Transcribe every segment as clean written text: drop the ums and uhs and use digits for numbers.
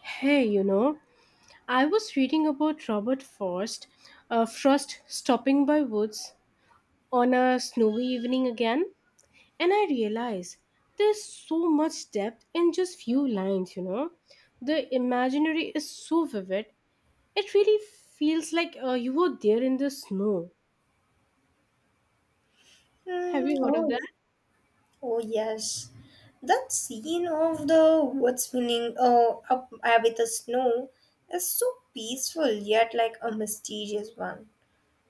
Hey, you know, I was reading about Robert Frost, Frost stopping by woods on a snowy evening again, and I realized there's so much depth in just few lines, you know. The imaginary is so vivid. It really feels like you were there in the snow. Have Mm, you heard of oh, that? oh yes. That scene of the wood spinning up with the snow is so peaceful yet like a mysterious one.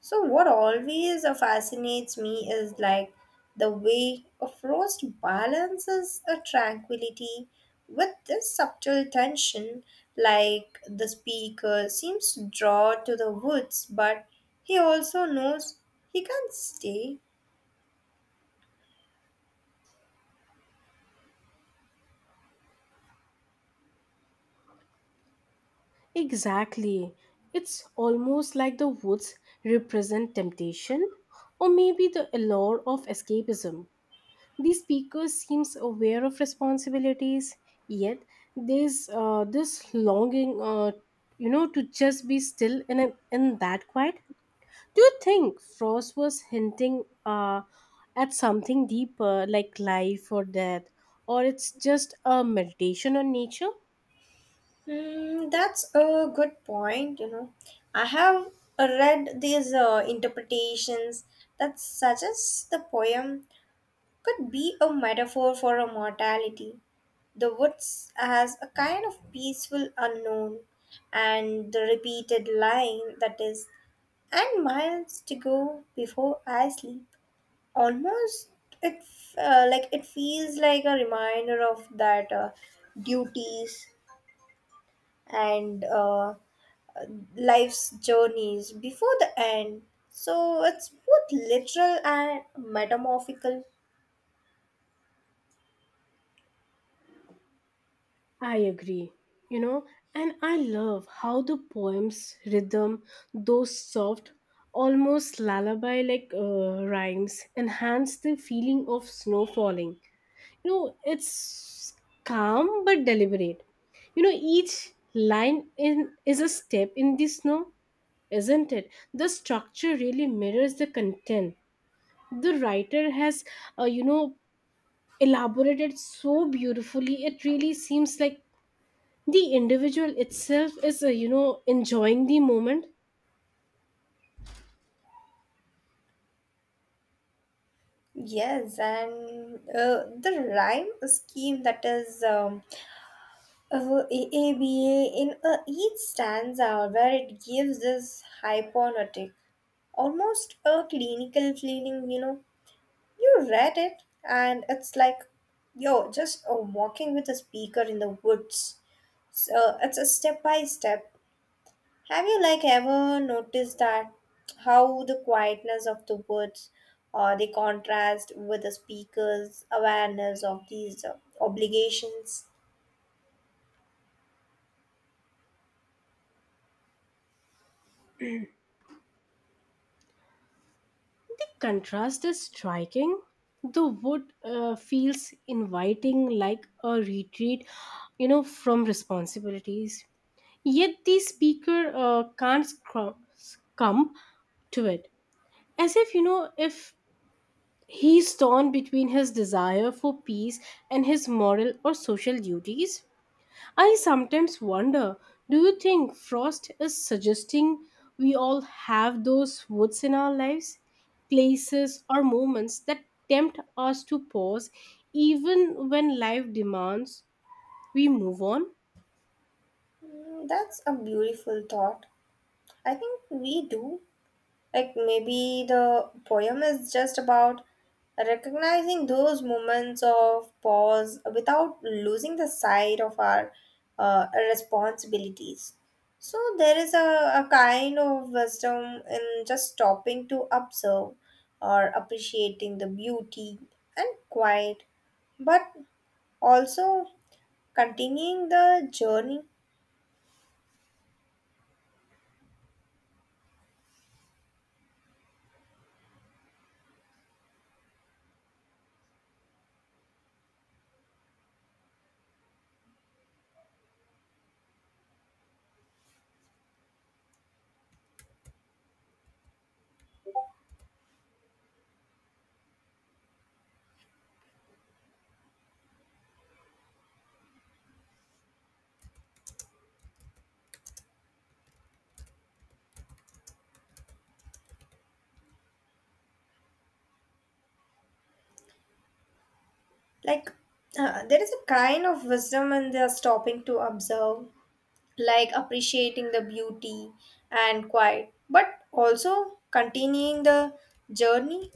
So what always fascinates me is like the way a frost balances a tranquility with this subtle tension like the speaker seems drawn to the woods but he also knows he can't stay. Exactly. It's almost like the woods represent temptation or maybe the allure of escapism. The speaker seems aware of responsibilities, yet there's this longing, you know, to just be still in that quiet. Do you think Frost was hinting at something deeper like life or death, or it's just a meditation on nature? Hmm, that's a good point. You know, I have read these interpretations that suggests the poem could be a metaphor for a mortality. The woods as a kind of peaceful unknown, and the repeated line that is, and miles to go before I sleep. Almost, like it feels like a reminder of that duties and life's journeys before the end. So it's both literal and metamorphical. I agree. You know, and I love how the poem's rhythm, those soft, almost lullaby like rhymes, enhance the feeling of snow falling. You know, it's calm but deliberate. You know, each line in is a step in the snow, isn't it? The structure really mirrors the content. The writer has, you know, elaborated so beautifully. It really seems like the individual itself is you know, enjoying the moment. Yes, and the rhyme scheme that is ABA in each stanza where it gives this hypnotic, almost a clinical feeling, you know. You read it, and it's like, yo, just walking with a speaker in the woods. So it's a step by step. Have you like ever noticed that how the quietness of the woods or the contrast with the speaker's awareness of these obligations? The contrast is striking. The wood feels inviting like a retreat, you know, from responsibilities, yet the speaker can't scrum- succumb to it, as if, you know, if he's torn between his desire for peace and his moral or social duties. I sometimes wonder, do you think Frost is suggesting we all have those woods in our lives? Places or moments that tempt us to pause even when life demands we move on? Mm, that's a beautiful thought. I think we do. Like maybe the poem is just about recognizing those moments of pause without losing the sight of our responsibilities. So there is a kind of wisdom in just stopping to observe or appreciating the beauty and quiet, but also continuing the journey. Like there is a kind of wisdom in the stopping to observe like appreciating the beauty and quiet, but also continuing the journey.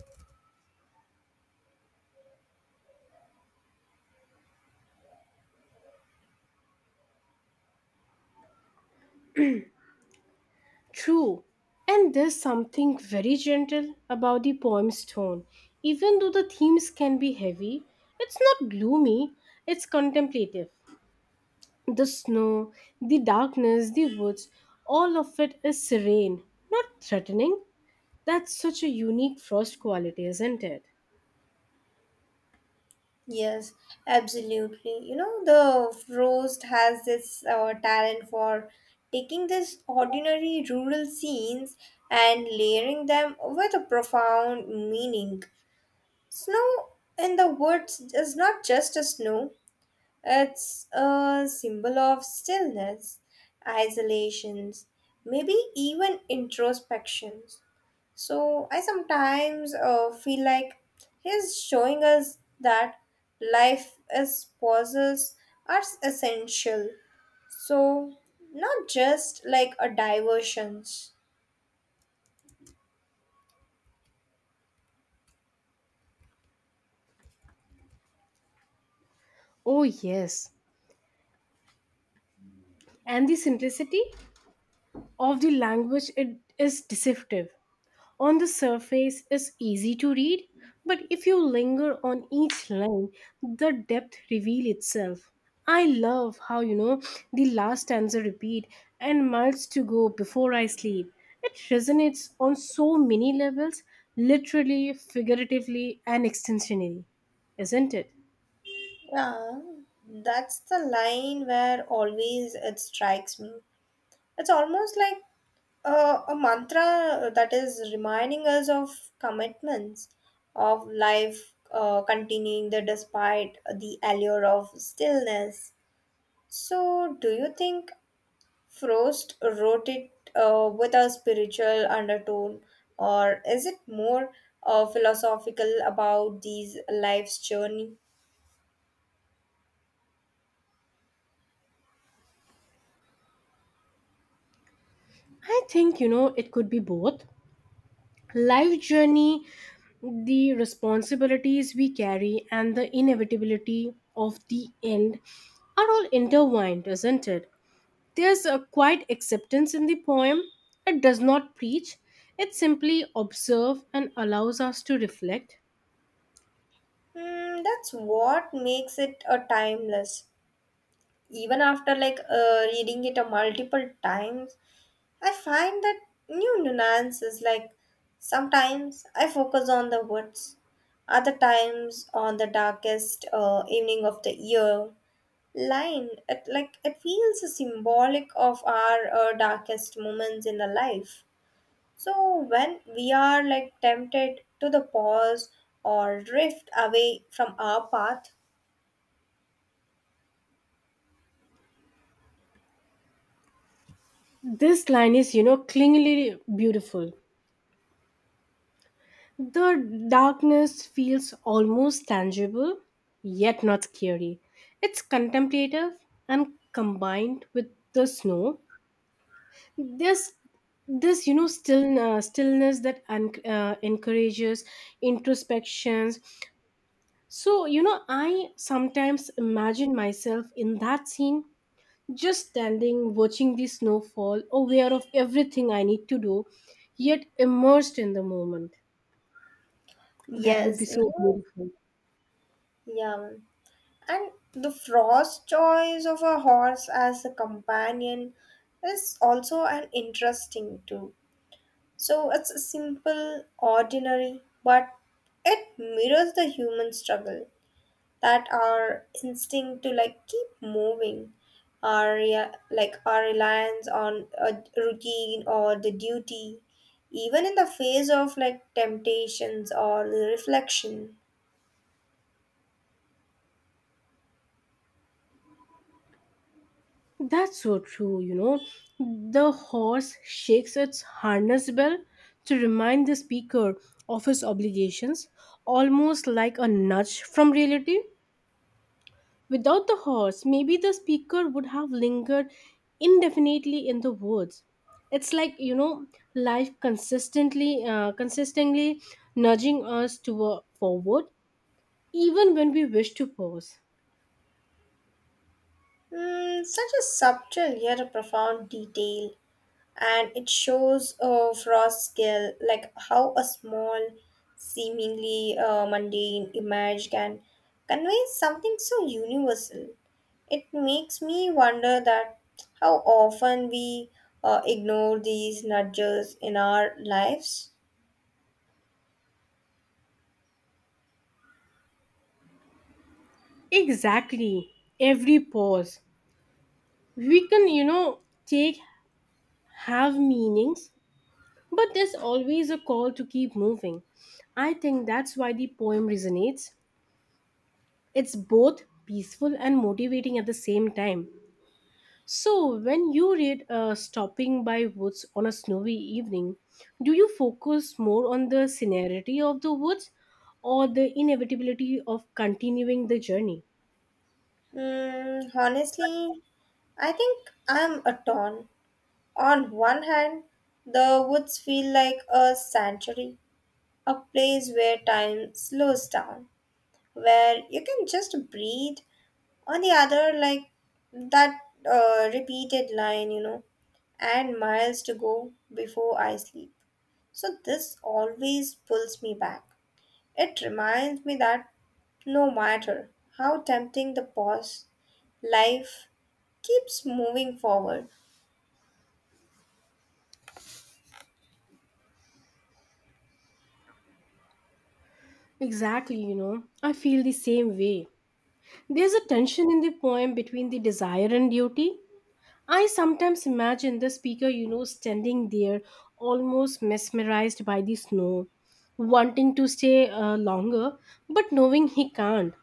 True. And there's something very gentle about the poem's tone. Even though the themes can be heavy, it's not gloomy, it's contemplative. The snow, the darkness, the woods, all of it is serene, not threatening. That's such a unique Frost quality, isn't it? Yes, absolutely. You know, the roast has this talent for taking these ordinary rural scenes and layering them with a profound meaning. Snow in the woods is not just a snow, it's a symbol of stillness, isolations, maybe even introspections. So I sometimes feel like he's showing us that life as pauses are essential. So not just like a diversions. Oh, yes. And the simplicity of the language it is deceptive. On the surface is easy to read, but if you linger on each line, the depth reveal itself. I love how, you know, the last stanza repeat and miles to go before I sleep. It resonates on so many levels, literally, figuratively, and extensionally, isn't it? Yeah, that's the line where always it strikes me. It's almost like a mantra that is reminding us of commitments, of life continuing the despite the allure of stillness. So, do you think Frost wrote it with a spiritual undertone, or is it more philosophical about these life's journey? I think, you know, it could be both. Life journey, the responsibilities we carry, and the inevitability of the end are all intertwined, isn't it? There's a quiet acceptance in the poem. It does not preach, it simply observes and allows us to reflect. Hmm, that's what makes it a timeless. Even after like reading it a multiple times, I find that new nuances like sometimes I focus on the woods, other times on the darkest evening of the year. Line it like it feels symbolic of our darkest moments in the life. So when we are like tempted to the pause or drift away from our path, This line is, you know, clingingly beautiful. The darkness feels almost tangible, yet not scary. It's contemplative and combined with the snow, this this you know, still stillness that encourages introspections. So, you know, I sometimes imagine myself in that scene, just standing, watching the snowfall, aware of everything I need to do, yet immersed in the moment. That would yes, be so you beautiful. yeah. And the Frost's choice of a horse as a companion is also an interesting too. So it's simple, ordinary, but it mirrors the human struggle that our instinct to like keep moving, our like our reliance on a routine or the duty, even in the face of like temptations or the reflection. That's so true, you know. The horse shakes its harness bell to remind the speaker of his obligations, almost like a nudge from reality. Without the horse, maybe the speaker would have lingered indefinitely in the woods. It's like, you know, life consistently nudging us to forward even when we wish to pause. Mm, such a subtle yet a profound detail and it shows Frost's skill, like how a small, seemingly mundane image can convey something so universal. It makes me wonder that how often we ignore these nudges in our lives. Exactly. Every pause we can, you know, take have meanings, but there's always a call to keep moving. I think that's why the poem resonates. It's both peaceful and motivating at the same time. So, when you read Stopping by Woods on a Snowy Evening, do you focus more on the scenery of the woods or the inevitability of continuing the journey? Mm, honestly, I think I'm a ton. On one hand, the woods feel like a sanctuary, a place where time slows down, where you can just breathe. On the other like that repeated line, and miles to go before I sleep. So this always pulls me back. It reminds me that no matter how tempting the pause, life keeps moving forward. Exactly, you know, I feel the same way. There's a tension in the poem between the desire and duty. I sometimes imagine the speaker, you know, standing there almost mesmerized by the snow, wanting to stay longer, but knowing he can't.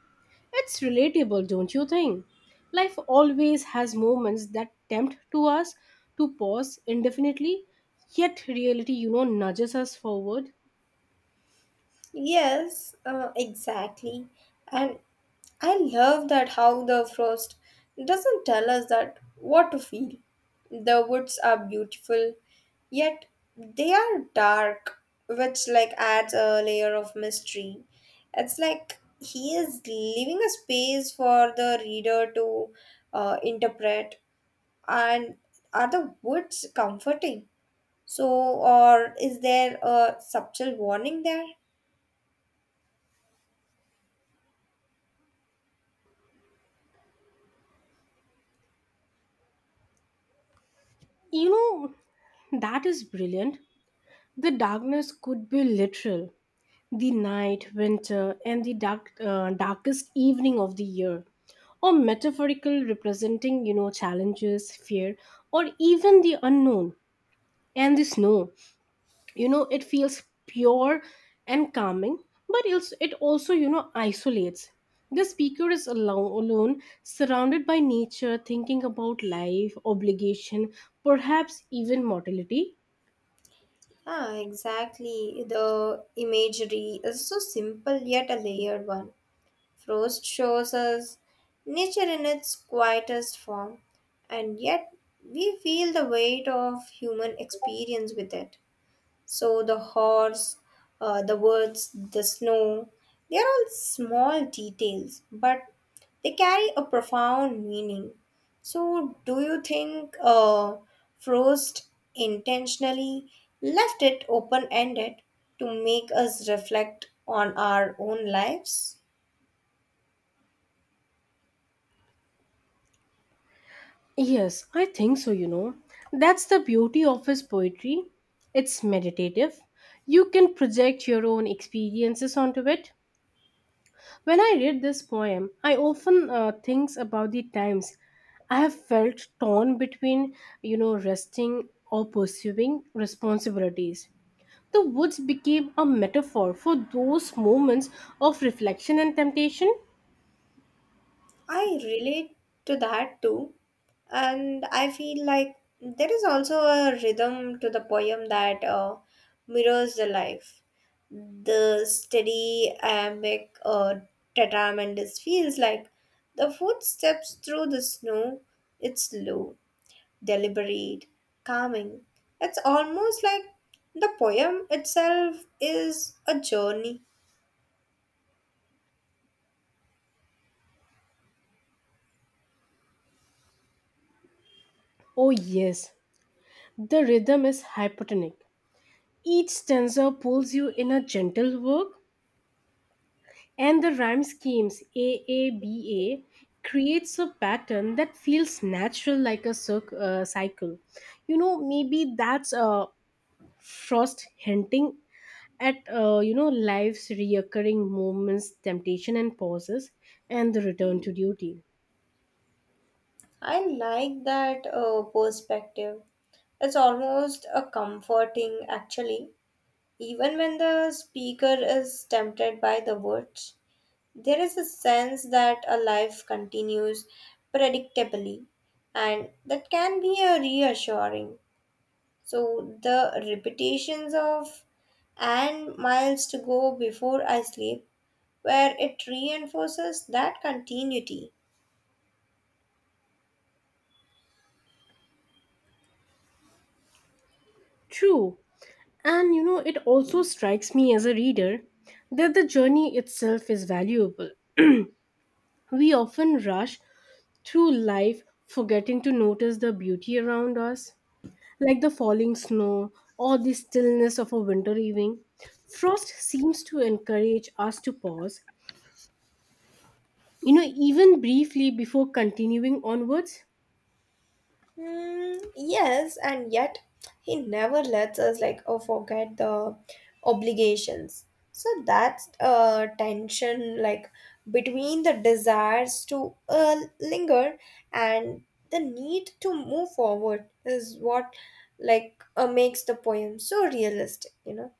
It's relatable, don't you think? Life always has moments that tempt to us to pause indefinitely, yet reality, you know, nudges us forward. Yes, exactly. And I love that how the frost doesn't tell us that what to feel. The woods are beautiful, yet they are dark, which like adds a layer of mystery. It's like he is leaving a space for the reader to interpret. And are the woods comforting? So, or is there a subtle warning there? You know, that is brilliant. The darkness could be literal, the night, winter, and the darkest evening of the year, or metaphorical, representing, you know, challenges, fear, or even the unknown. And the snow, you know, it feels pure and calming, but it also, you know, isolates. The speaker is alone, surrounded by nature, thinking about life, obligation, perhaps even mortality. Ah, exactly. The imagery is so simple yet a layered one. Frost shows us nature in its quietest form, and yet we feel the weight of human experience with it. So the horse, the woods, the snow, they are all small details, but they carry a profound meaning. So, do you think Frost intentionally left it open ended to make us reflect on our own lives? Yes, I think so, you know. That's the beauty of his poetry. It's meditative. You can project your own experiences onto it. When I read this poem, I often think about the times I have felt torn between, you know, resting or pursuing responsibilities. The woods became a metaphor for those moments of reflection and temptation. I relate to that too, and I feel like there is also a rhythm to the poem that mirrors the life. The steady iambic tetramentus feels like the footsteps through the snow. It's slow, deliberate, calming. It's almost like the poem itself is a journey. Oh, yes, the rhythm is hypotonic. Each stanza pulls you in a gentle work, and the rhyme schemes AABA creates a pattern that feels natural like a cycle. You know, maybe that's Frost hinting at, you know, life's reoccurring moments, temptation and pauses, and the return to duty. I like that perspective. It's almost a comforting, actually. Even when the speaker is tempted by the words, there is a sense that a life continues predictably, and that can be a reassuring. So, the repetitions of and miles to go before I sleep, where it reinforces that continuity. True. And, you know, it also strikes me as a reader that the journey itself is valuable. We often rush through life, forgetting to notice the beauty around us, like the falling snow or the stillness of a winter evening. Frost seems to encourage us to pause, you know, even briefly before continuing onwards. Hmm, yes, and yet he never lets us like oh, forget the obligations. So that's a tension like between the desires to linger and the need to move forward is what like makes the poem so realistic. You know,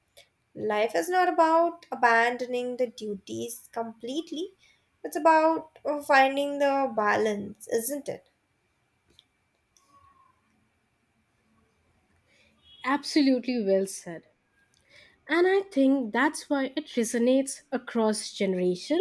life is not about abandoning the duties completely. It's about finding the balance, isn't it? Absolutely, well said. And I think that's why it resonates across generation.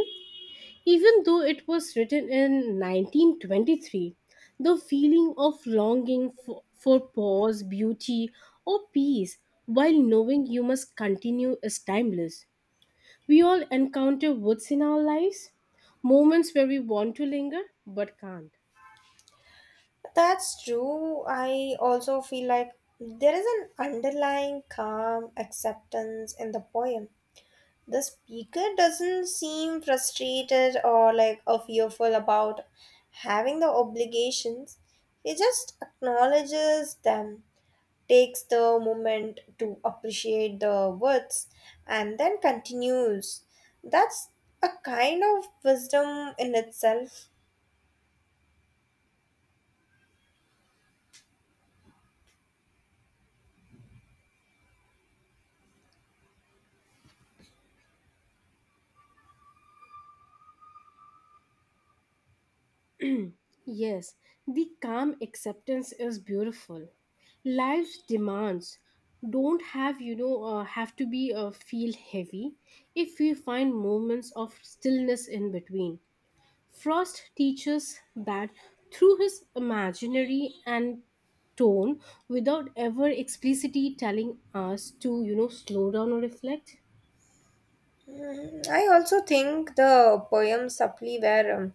Even though it was written in 1923, the feeling of longing for pause, beauty, or peace while knowing you must continue is timeless. We all encounter woods in our lives, moments where we want to linger but can't. That's true. I also feel like there is an underlying calm acceptance in the poem. The speaker doesn't seem frustrated or fearful about having the obligations. He just acknowledges them, takes the moment to appreciate the words, and then continues. That's a kind of wisdom in itself. Yes, the calm acceptance is beautiful. Life's demands don't have to be feel heavy if we find moments of stillness in between. Frost teaches that through his imaginary and tone without ever explicitly telling us to, you know, slow down or reflect. Mhm. I also think the poem Sapli where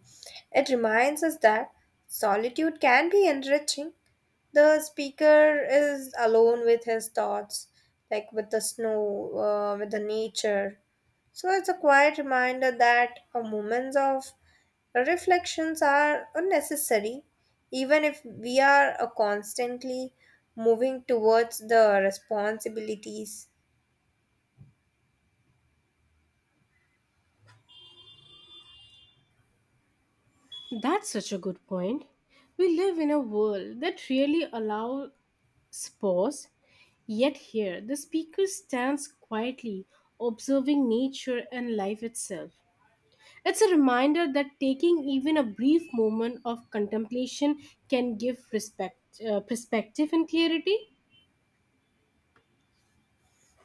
it reminds us that solitude can be enriching. The speaker is alone with his thoughts, like with the snow, with the nature. So it's a quiet reminder that moments of reflections are unnecessary, even if we are constantly moving towards the responsibilities. That's such a good point. We live in a world that really allows pause. Yet here, the speaker stands quietly, observing nature and life itself. It's a reminder that taking even a brief moment of contemplation can give perspective and clarity.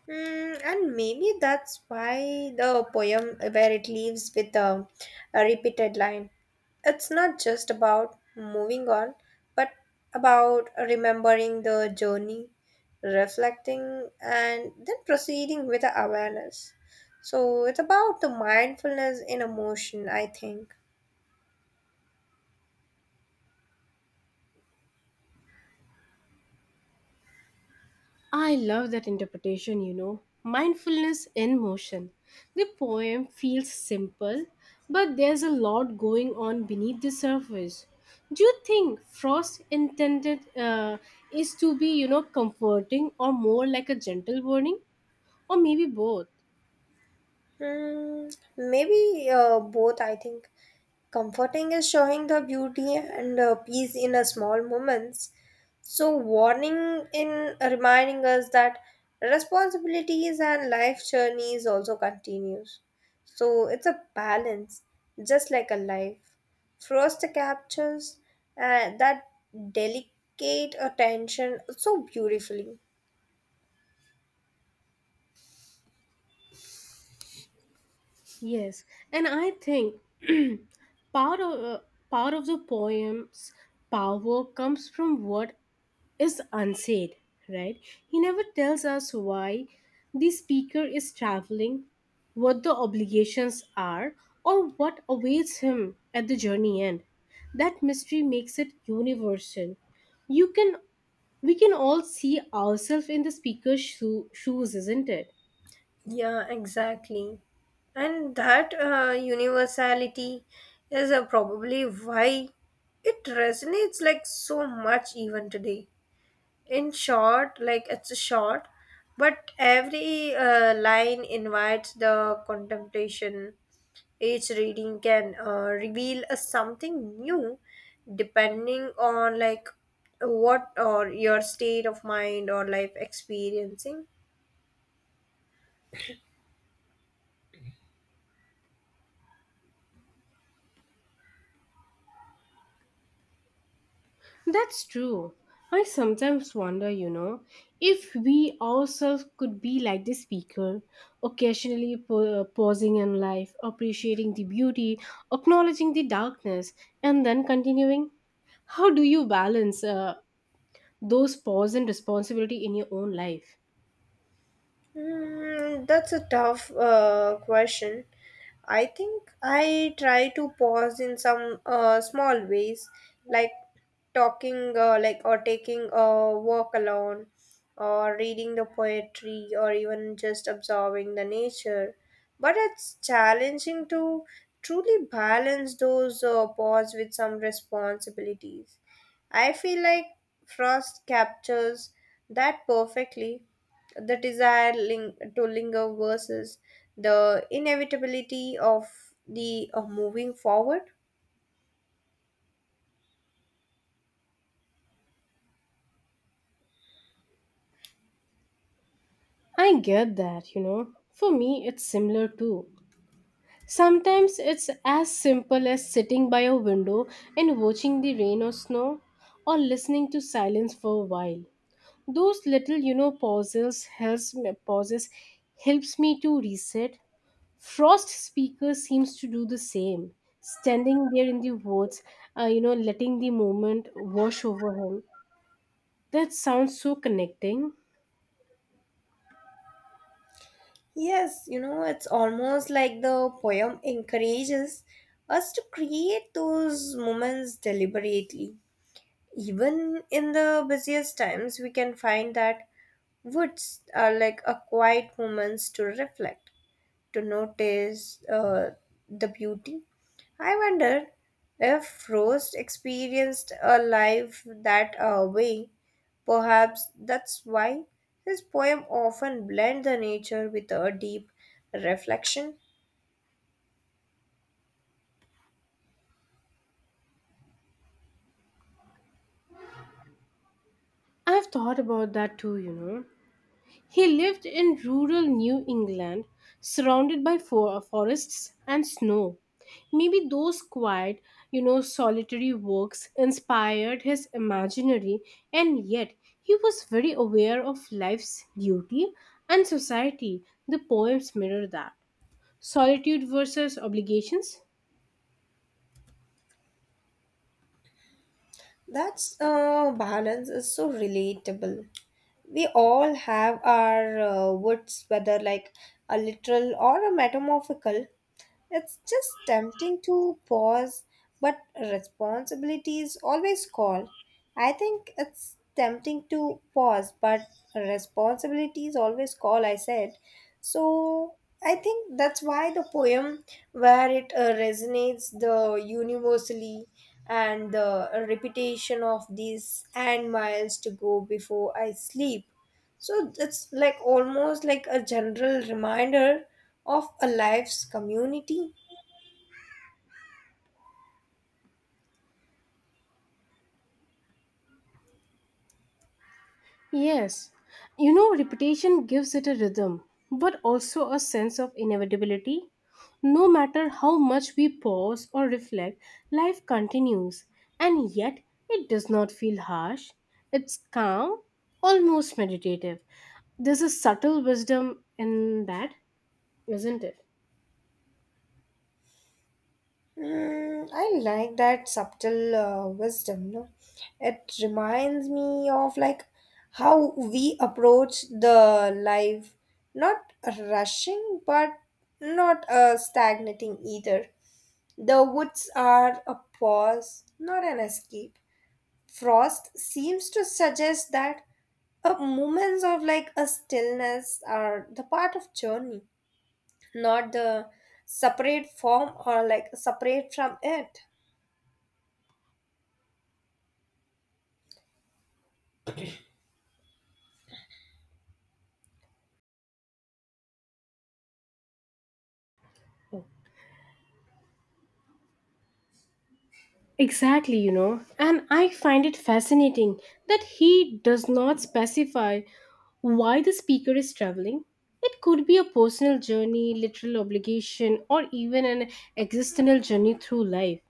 Mm, and maybe that's why the poem where it leaves with a repeated line. It's not just about moving on, but about remembering the journey, reflecting, and then proceeding with awareness. So it's about the mindfulness in emotion, I think. I love that interpretation, you know. Mindfulness in motion. The poem feels simple, but there's a lot going on beneath the surface. Do you think Frost intended is to be, you know, comforting or more like a gentle warning, or maybe both? Hmm, maybe both, I think. Comforting is showing the beauty and peace in a small moments. So, warning in reminding us that responsibilities and life journeys also continues. So, it's a balance, just like a life. Frost captures that delicate attention so beautifully. Yes, and I think part of uh, part of the poem's power comes from what is unsaid, right? He never tells us why the speaker is traveling, what the obligations are, or what awaits him at the journey end. That mystery makes it universal. You can We can all see ourselves in the speaker's shoes, isn't it? Yeah, exactly. And that universality is probably why it resonates like so much even today. In short, like it's a short, but every line invites the contemplation. Each reading can reveal a something new depending on like what or your state of mind or life experiencing. That's true. I sometimes wonder, you know, if we ourselves could be like the speaker, occasionally pausing in life, appreciating the beauty, acknowledging the darkness, and then continuing. How do you balance those pause and responsibility in your own life? Mm, that's a tough question. I think I try to pause in some small ways, like talking, like or taking a walk alone, or reading the poetry, or even just observing the nature. But it's challenging to truly balance those pause with some responsibilities. I feel like Frost captures that perfectly, the desire to linger versus the inevitability of the of moving forward. I get that, you know. For me, it's similar too. Sometimes it's as simple as sitting by a window and watching the rain or snow or listening to silence for a while. Those little, you know, pauses helps me to reset. Frost speaker seems to do the same. Standing there in the woods, you know, letting the moment wash over him. That sounds so connecting. Yes, it's almost like the poem encourages us to create those moments deliberately. Even in the busiest times we can find that woods are like a quiet moments to reflect, to notice the beauty. I wonder if Rose experienced a life that way. Perhaps that's why his poem often blend the nature with a deep reflection. I've thought about that too, you know. He lived in rural New England, surrounded by forests and snow. Maybe those quiet, you know, solitary walks inspired his imaginary, and yet he was very aware of life's duty and society. The poems mirror that. Solitude versus obligations. That's balance is so relatable. We all have our woods, whether like a literal or a metamorphical. It's just tempting to pause, but responsibilities always call. I think it's tempting to pause, but responsibilities always call, I said. So I think that's why the poem, where it resonates the universally and the repetition of these and miles to go before I sleep. So it's like almost like a general reminder of a life's community. Yes, you know, repetition gives it a rhythm, but also a sense of inevitability. No matter how much we pause or reflect, life continues, and yet it does not feel harsh. It's calm, almost meditative. There's a subtle wisdom in that, isn't it? Mm, I like that subtle wisdom. No, it reminds me of like how we approach the life, not rushing, but not stagnating either. The woods are a pause, not an escape. Frost seems to suggest that moments of like a stillness are the part of journey, not the separate form or like separate from it. Exactly, you know, and I find it fascinating that he does not specify why the speaker is traveling. It could be a personal journey, literal obligation, or even an existential journey through life.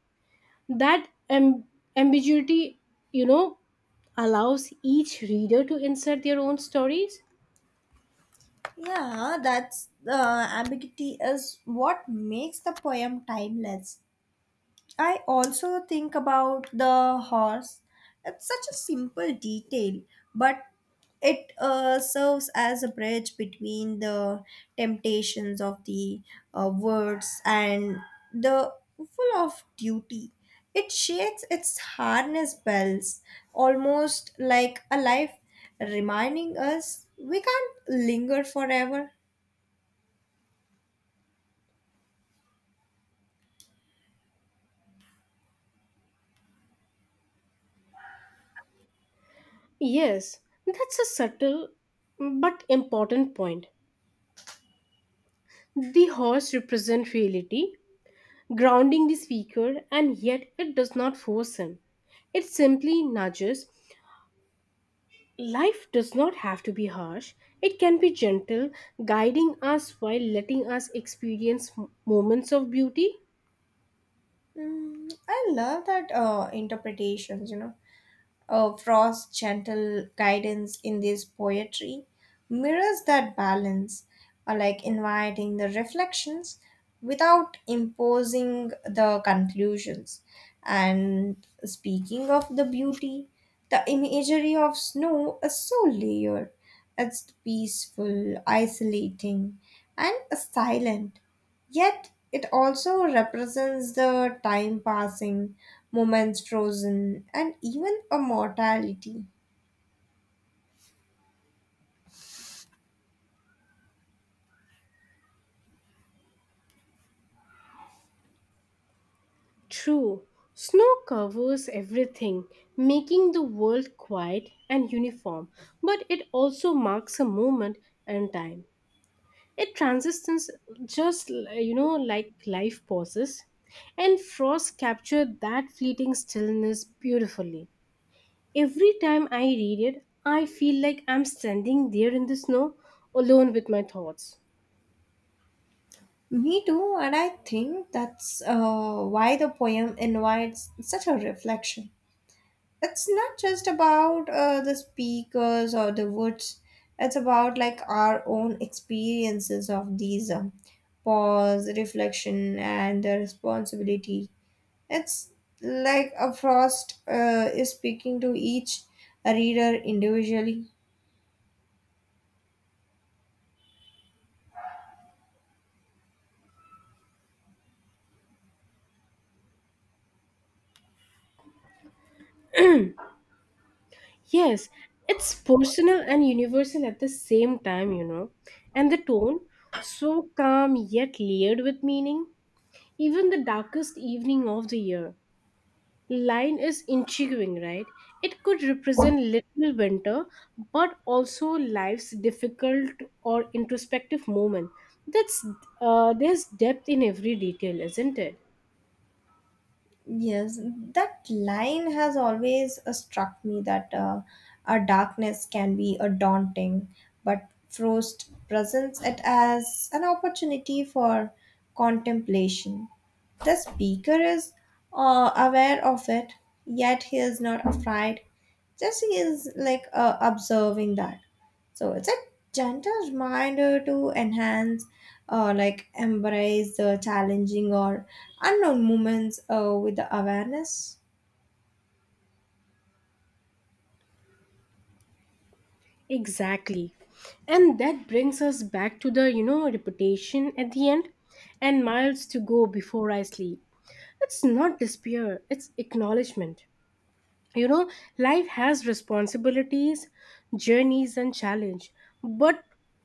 That ambiguity, you know, allows each reader to insert their own stories. Yeah, that's the ambiguity is what makes the poem timeless. I also think about the horse. It's such a simple detail, but it serves as a bridge between the temptations of the words and the full of duty. It shakes its harness bells almost like a life, reminding us we can't linger forever. Yes, that's a subtle but important point. The horse represents reality, grounding the speaker, and yet it does not force him. It simply nudges. Life does not have to be harsh, it can be gentle, guiding us while letting us experience moments of beauty. Mm, I love that interpretations. Frost's gentle guidance in this poetry mirrors that balance, like inviting the reflections without imposing the conclusions. And speaking of the beauty, the imagery of snow is so layered. It's peaceful, isolating, and silent. Yet it also represents the time passing, moments frozen, and even a mortality. True, snow covers everything, making the world quiet and uniform, but it also marks a moment and time. It transitions just, you know, like life pauses, and Frost captured that fleeting stillness beautifully. Every time I read it, I feel like I'm standing there in the snow alone with my thoughts. Me too, and I think that's why the poem invites such a reflection. It's not just about the speakers or the woods, it's about like our own experiences of these pause, reflection, and the responsibility. It's like a Frost is speaking to each reader individually. Yes, it's personal and universal at the same time, you know. And the tone, so calm yet layered with meaning. Even the darkest evening of the year line is intriguing, right? It could represent little winter, but also life's difficult or introspective moment. That's There's depth in every detail, isn't it? Yes, that line has always struck me that a darkness can be a daunting, but Frost presents it as an opportunity for contemplation. The speaker is aware of it, yet he is not afraid. Just he is like observing that. So it's a gentle reminder to enhance, like embrace the challenging or unknown moments with the awareness. Exactly. And that brings us back to the, you know, reputation at the end and miles to go before I sleep. It's not despair, it's acknowledgement. You know, life has responsibilities, journeys, and challenge, but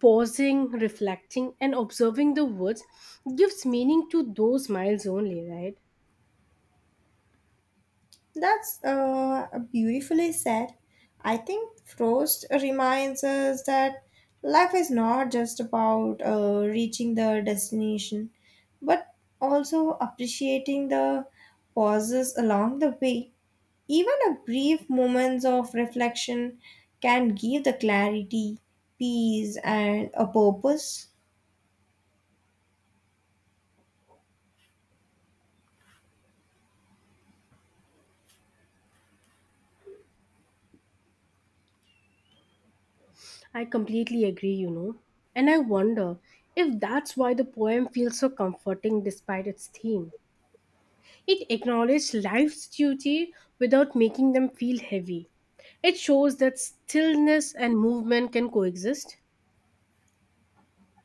pausing, reflecting, and observing the woods gives meaning to those miles only, right? That's beautifully said. I think Frost reminds us that life is not just about reaching the destination, but also appreciating the pauses along the way. Even a brief moments of reflection can give the clarity, peace, and a purpose. I completely agree, you know, and I wonder if that's why the poem feels so comforting despite its theme. It acknowledged life's duty without making them feel heavy. It shows that stillness and movement can coexist.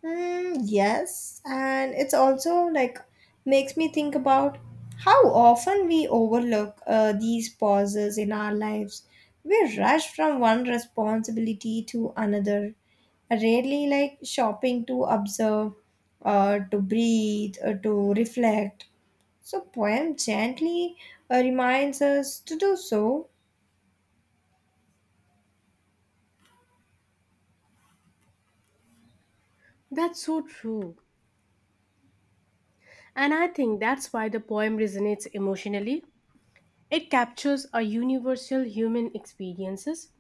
Mm, yes, and it's also like makes me think about how often we overlook these pauses in our lives. We rush from one responsibility to another, rarely like shopping to observe, to breathe, to reflect. So, poem gently reminds us to do so. That's so true. And I think that's why the poem resonates emotionally. It captures a universal human experiences,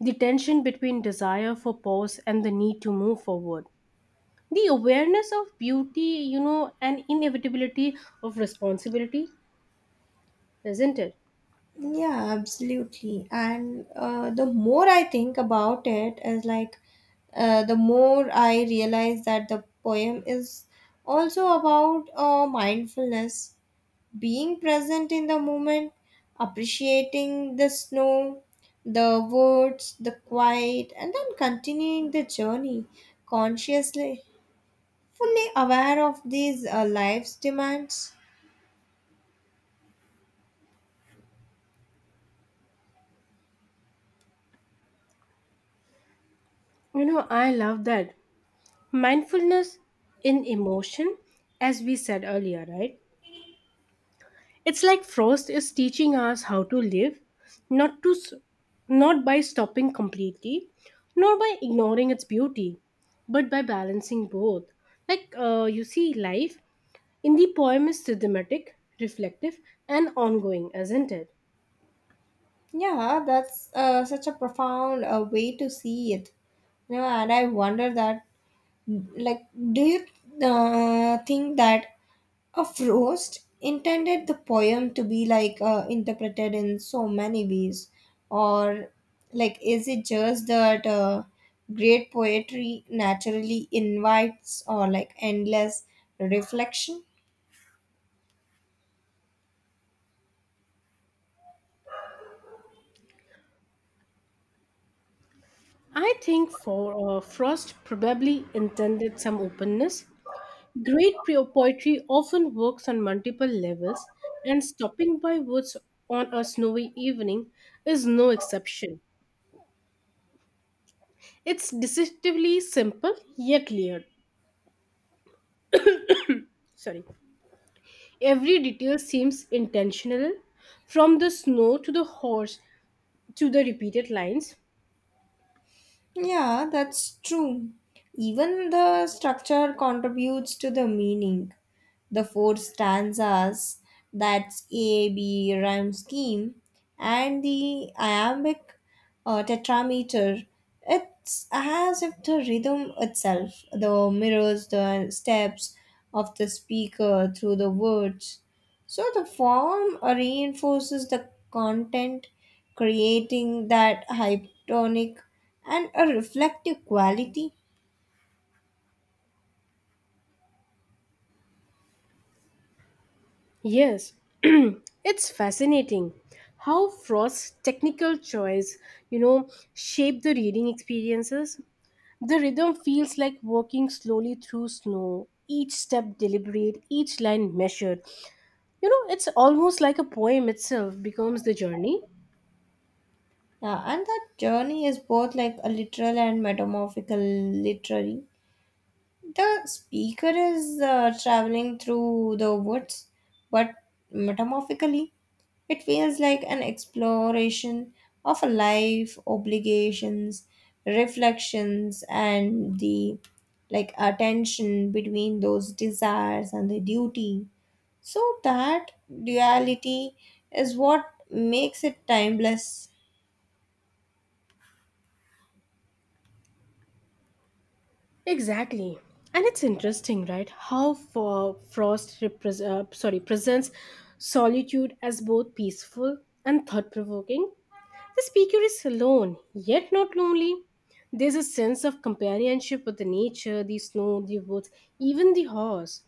the tension between desire for pause and the need to move forward. The awareness of beauty, you know, and inevitability of responsibility, isn't it? Yeah, absolutely. And the more I think about it, is like the more I realize that the poem is also about mindfulness, being present in the moment, appreciating the snow, the woods, the quiet, and then continuing the journey consciously, fully aware of these life's demands. You know, I love that. Mindfulness in emotion, as we said earlier, right? It's like Frost is teaching us how to live, not to s- not by stopping completely, nor by ignoring its beauty, but by balancing both. Like, you see, life in the poem is systematic, reflective, and ongoing, isn't it? Yeah, that's such a profound way to see it. You know, and I wonder that, like, do you think that a Frost intended the poem to be like interpreted in so many ways, or like, is it just that great poetry naturally invites or like endless reflection? I think for Frost probably intended some openness. Great poetry often works on multiple levels, and Stopping by Woods on a Snowy Evening is no exception. It's deceptively simple yet layered. Sorry. Every detail seems intentional, from the snow to the horse to the repeated lines. Yeah, that's true. Even the structure contributes to the meaning. The four stanzas, that's AB rhyme scheme, and the iambic tetrameter, it's as if the rhythm itself the mirrors the steps of the speaker through the words. So the form reinforces the content, creating that hypotonic and a reflective quality. Yes, it's fascinating how Frost's technical choice, you know, shape the reading experiences. The rhythm feels like walking slowly through snow, each step deliberate, each line measured. You know, it's almost like a poem itself becomes the journey. And that journey is both like a literal and metamorphical literary. The speaker is traveling through the woods, but metamorphically, it feels like an exploration of life, obligations, reflections, and the like attention between those desires and the duty. So that duality is what makes it timeless. Exactly. And it's interesting, right? How for Frost presents solitude as both peaceful and thought provoking. The speaker is alone, yet not lonely. There's a sense of companionship with the nature, the snow, the woods, even the horse.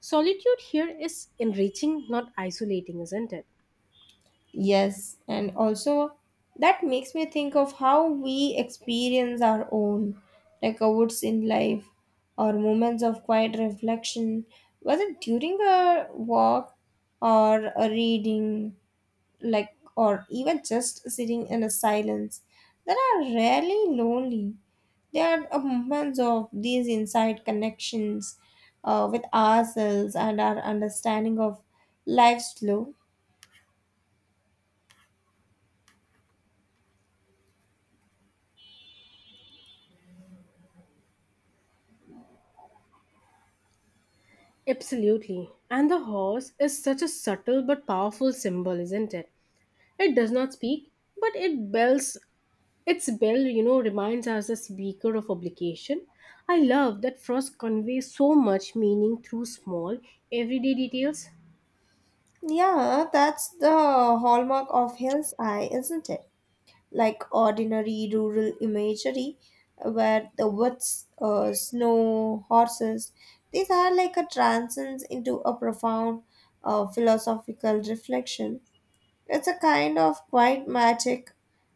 Solitude here is enriching, not isolating, isn't it? Yes, and also that makes me think of how we experience our own, like woods in life or moments of quiet reflection, whether during a walk or a reading, like or even just sitting in a silence, that are rarely lonely. They are a moments of these inside connections with ourselves and our understanding of life's flow. Absolutely. And the horse is such a subtle but powerful symbol, isn't it? It does not speak, but it bells its bell, you know, reminds us as a speaker of obligation. I love that Frost conveys so much meaning through small, everyday details. Yeah, that's the hallmark of Hill's Eye, isn't it? Like ordinary rural imagery, where the woods, snow, horses, these are like a transcends into a profound philosophical reflection. It's a kind of quiet magic,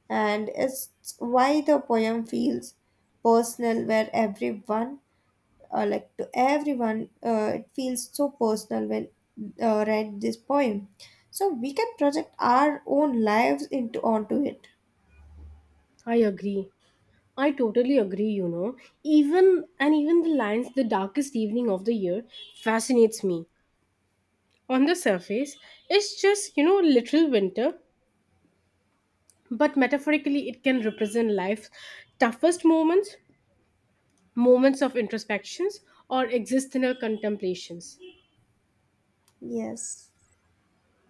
and it's why the poem feels personal, where everyone like to everyone. It feels so personal when read this poem. So we can project our own lives into onto it. I agree. I totally agree, you know. Even and even the lines the darkest evening of the year fascinates me. On the surface, it's just, you know, literal winter, but metaphorically it can represent life's toughest moments, moments of introspections or existential contemplations. Yes.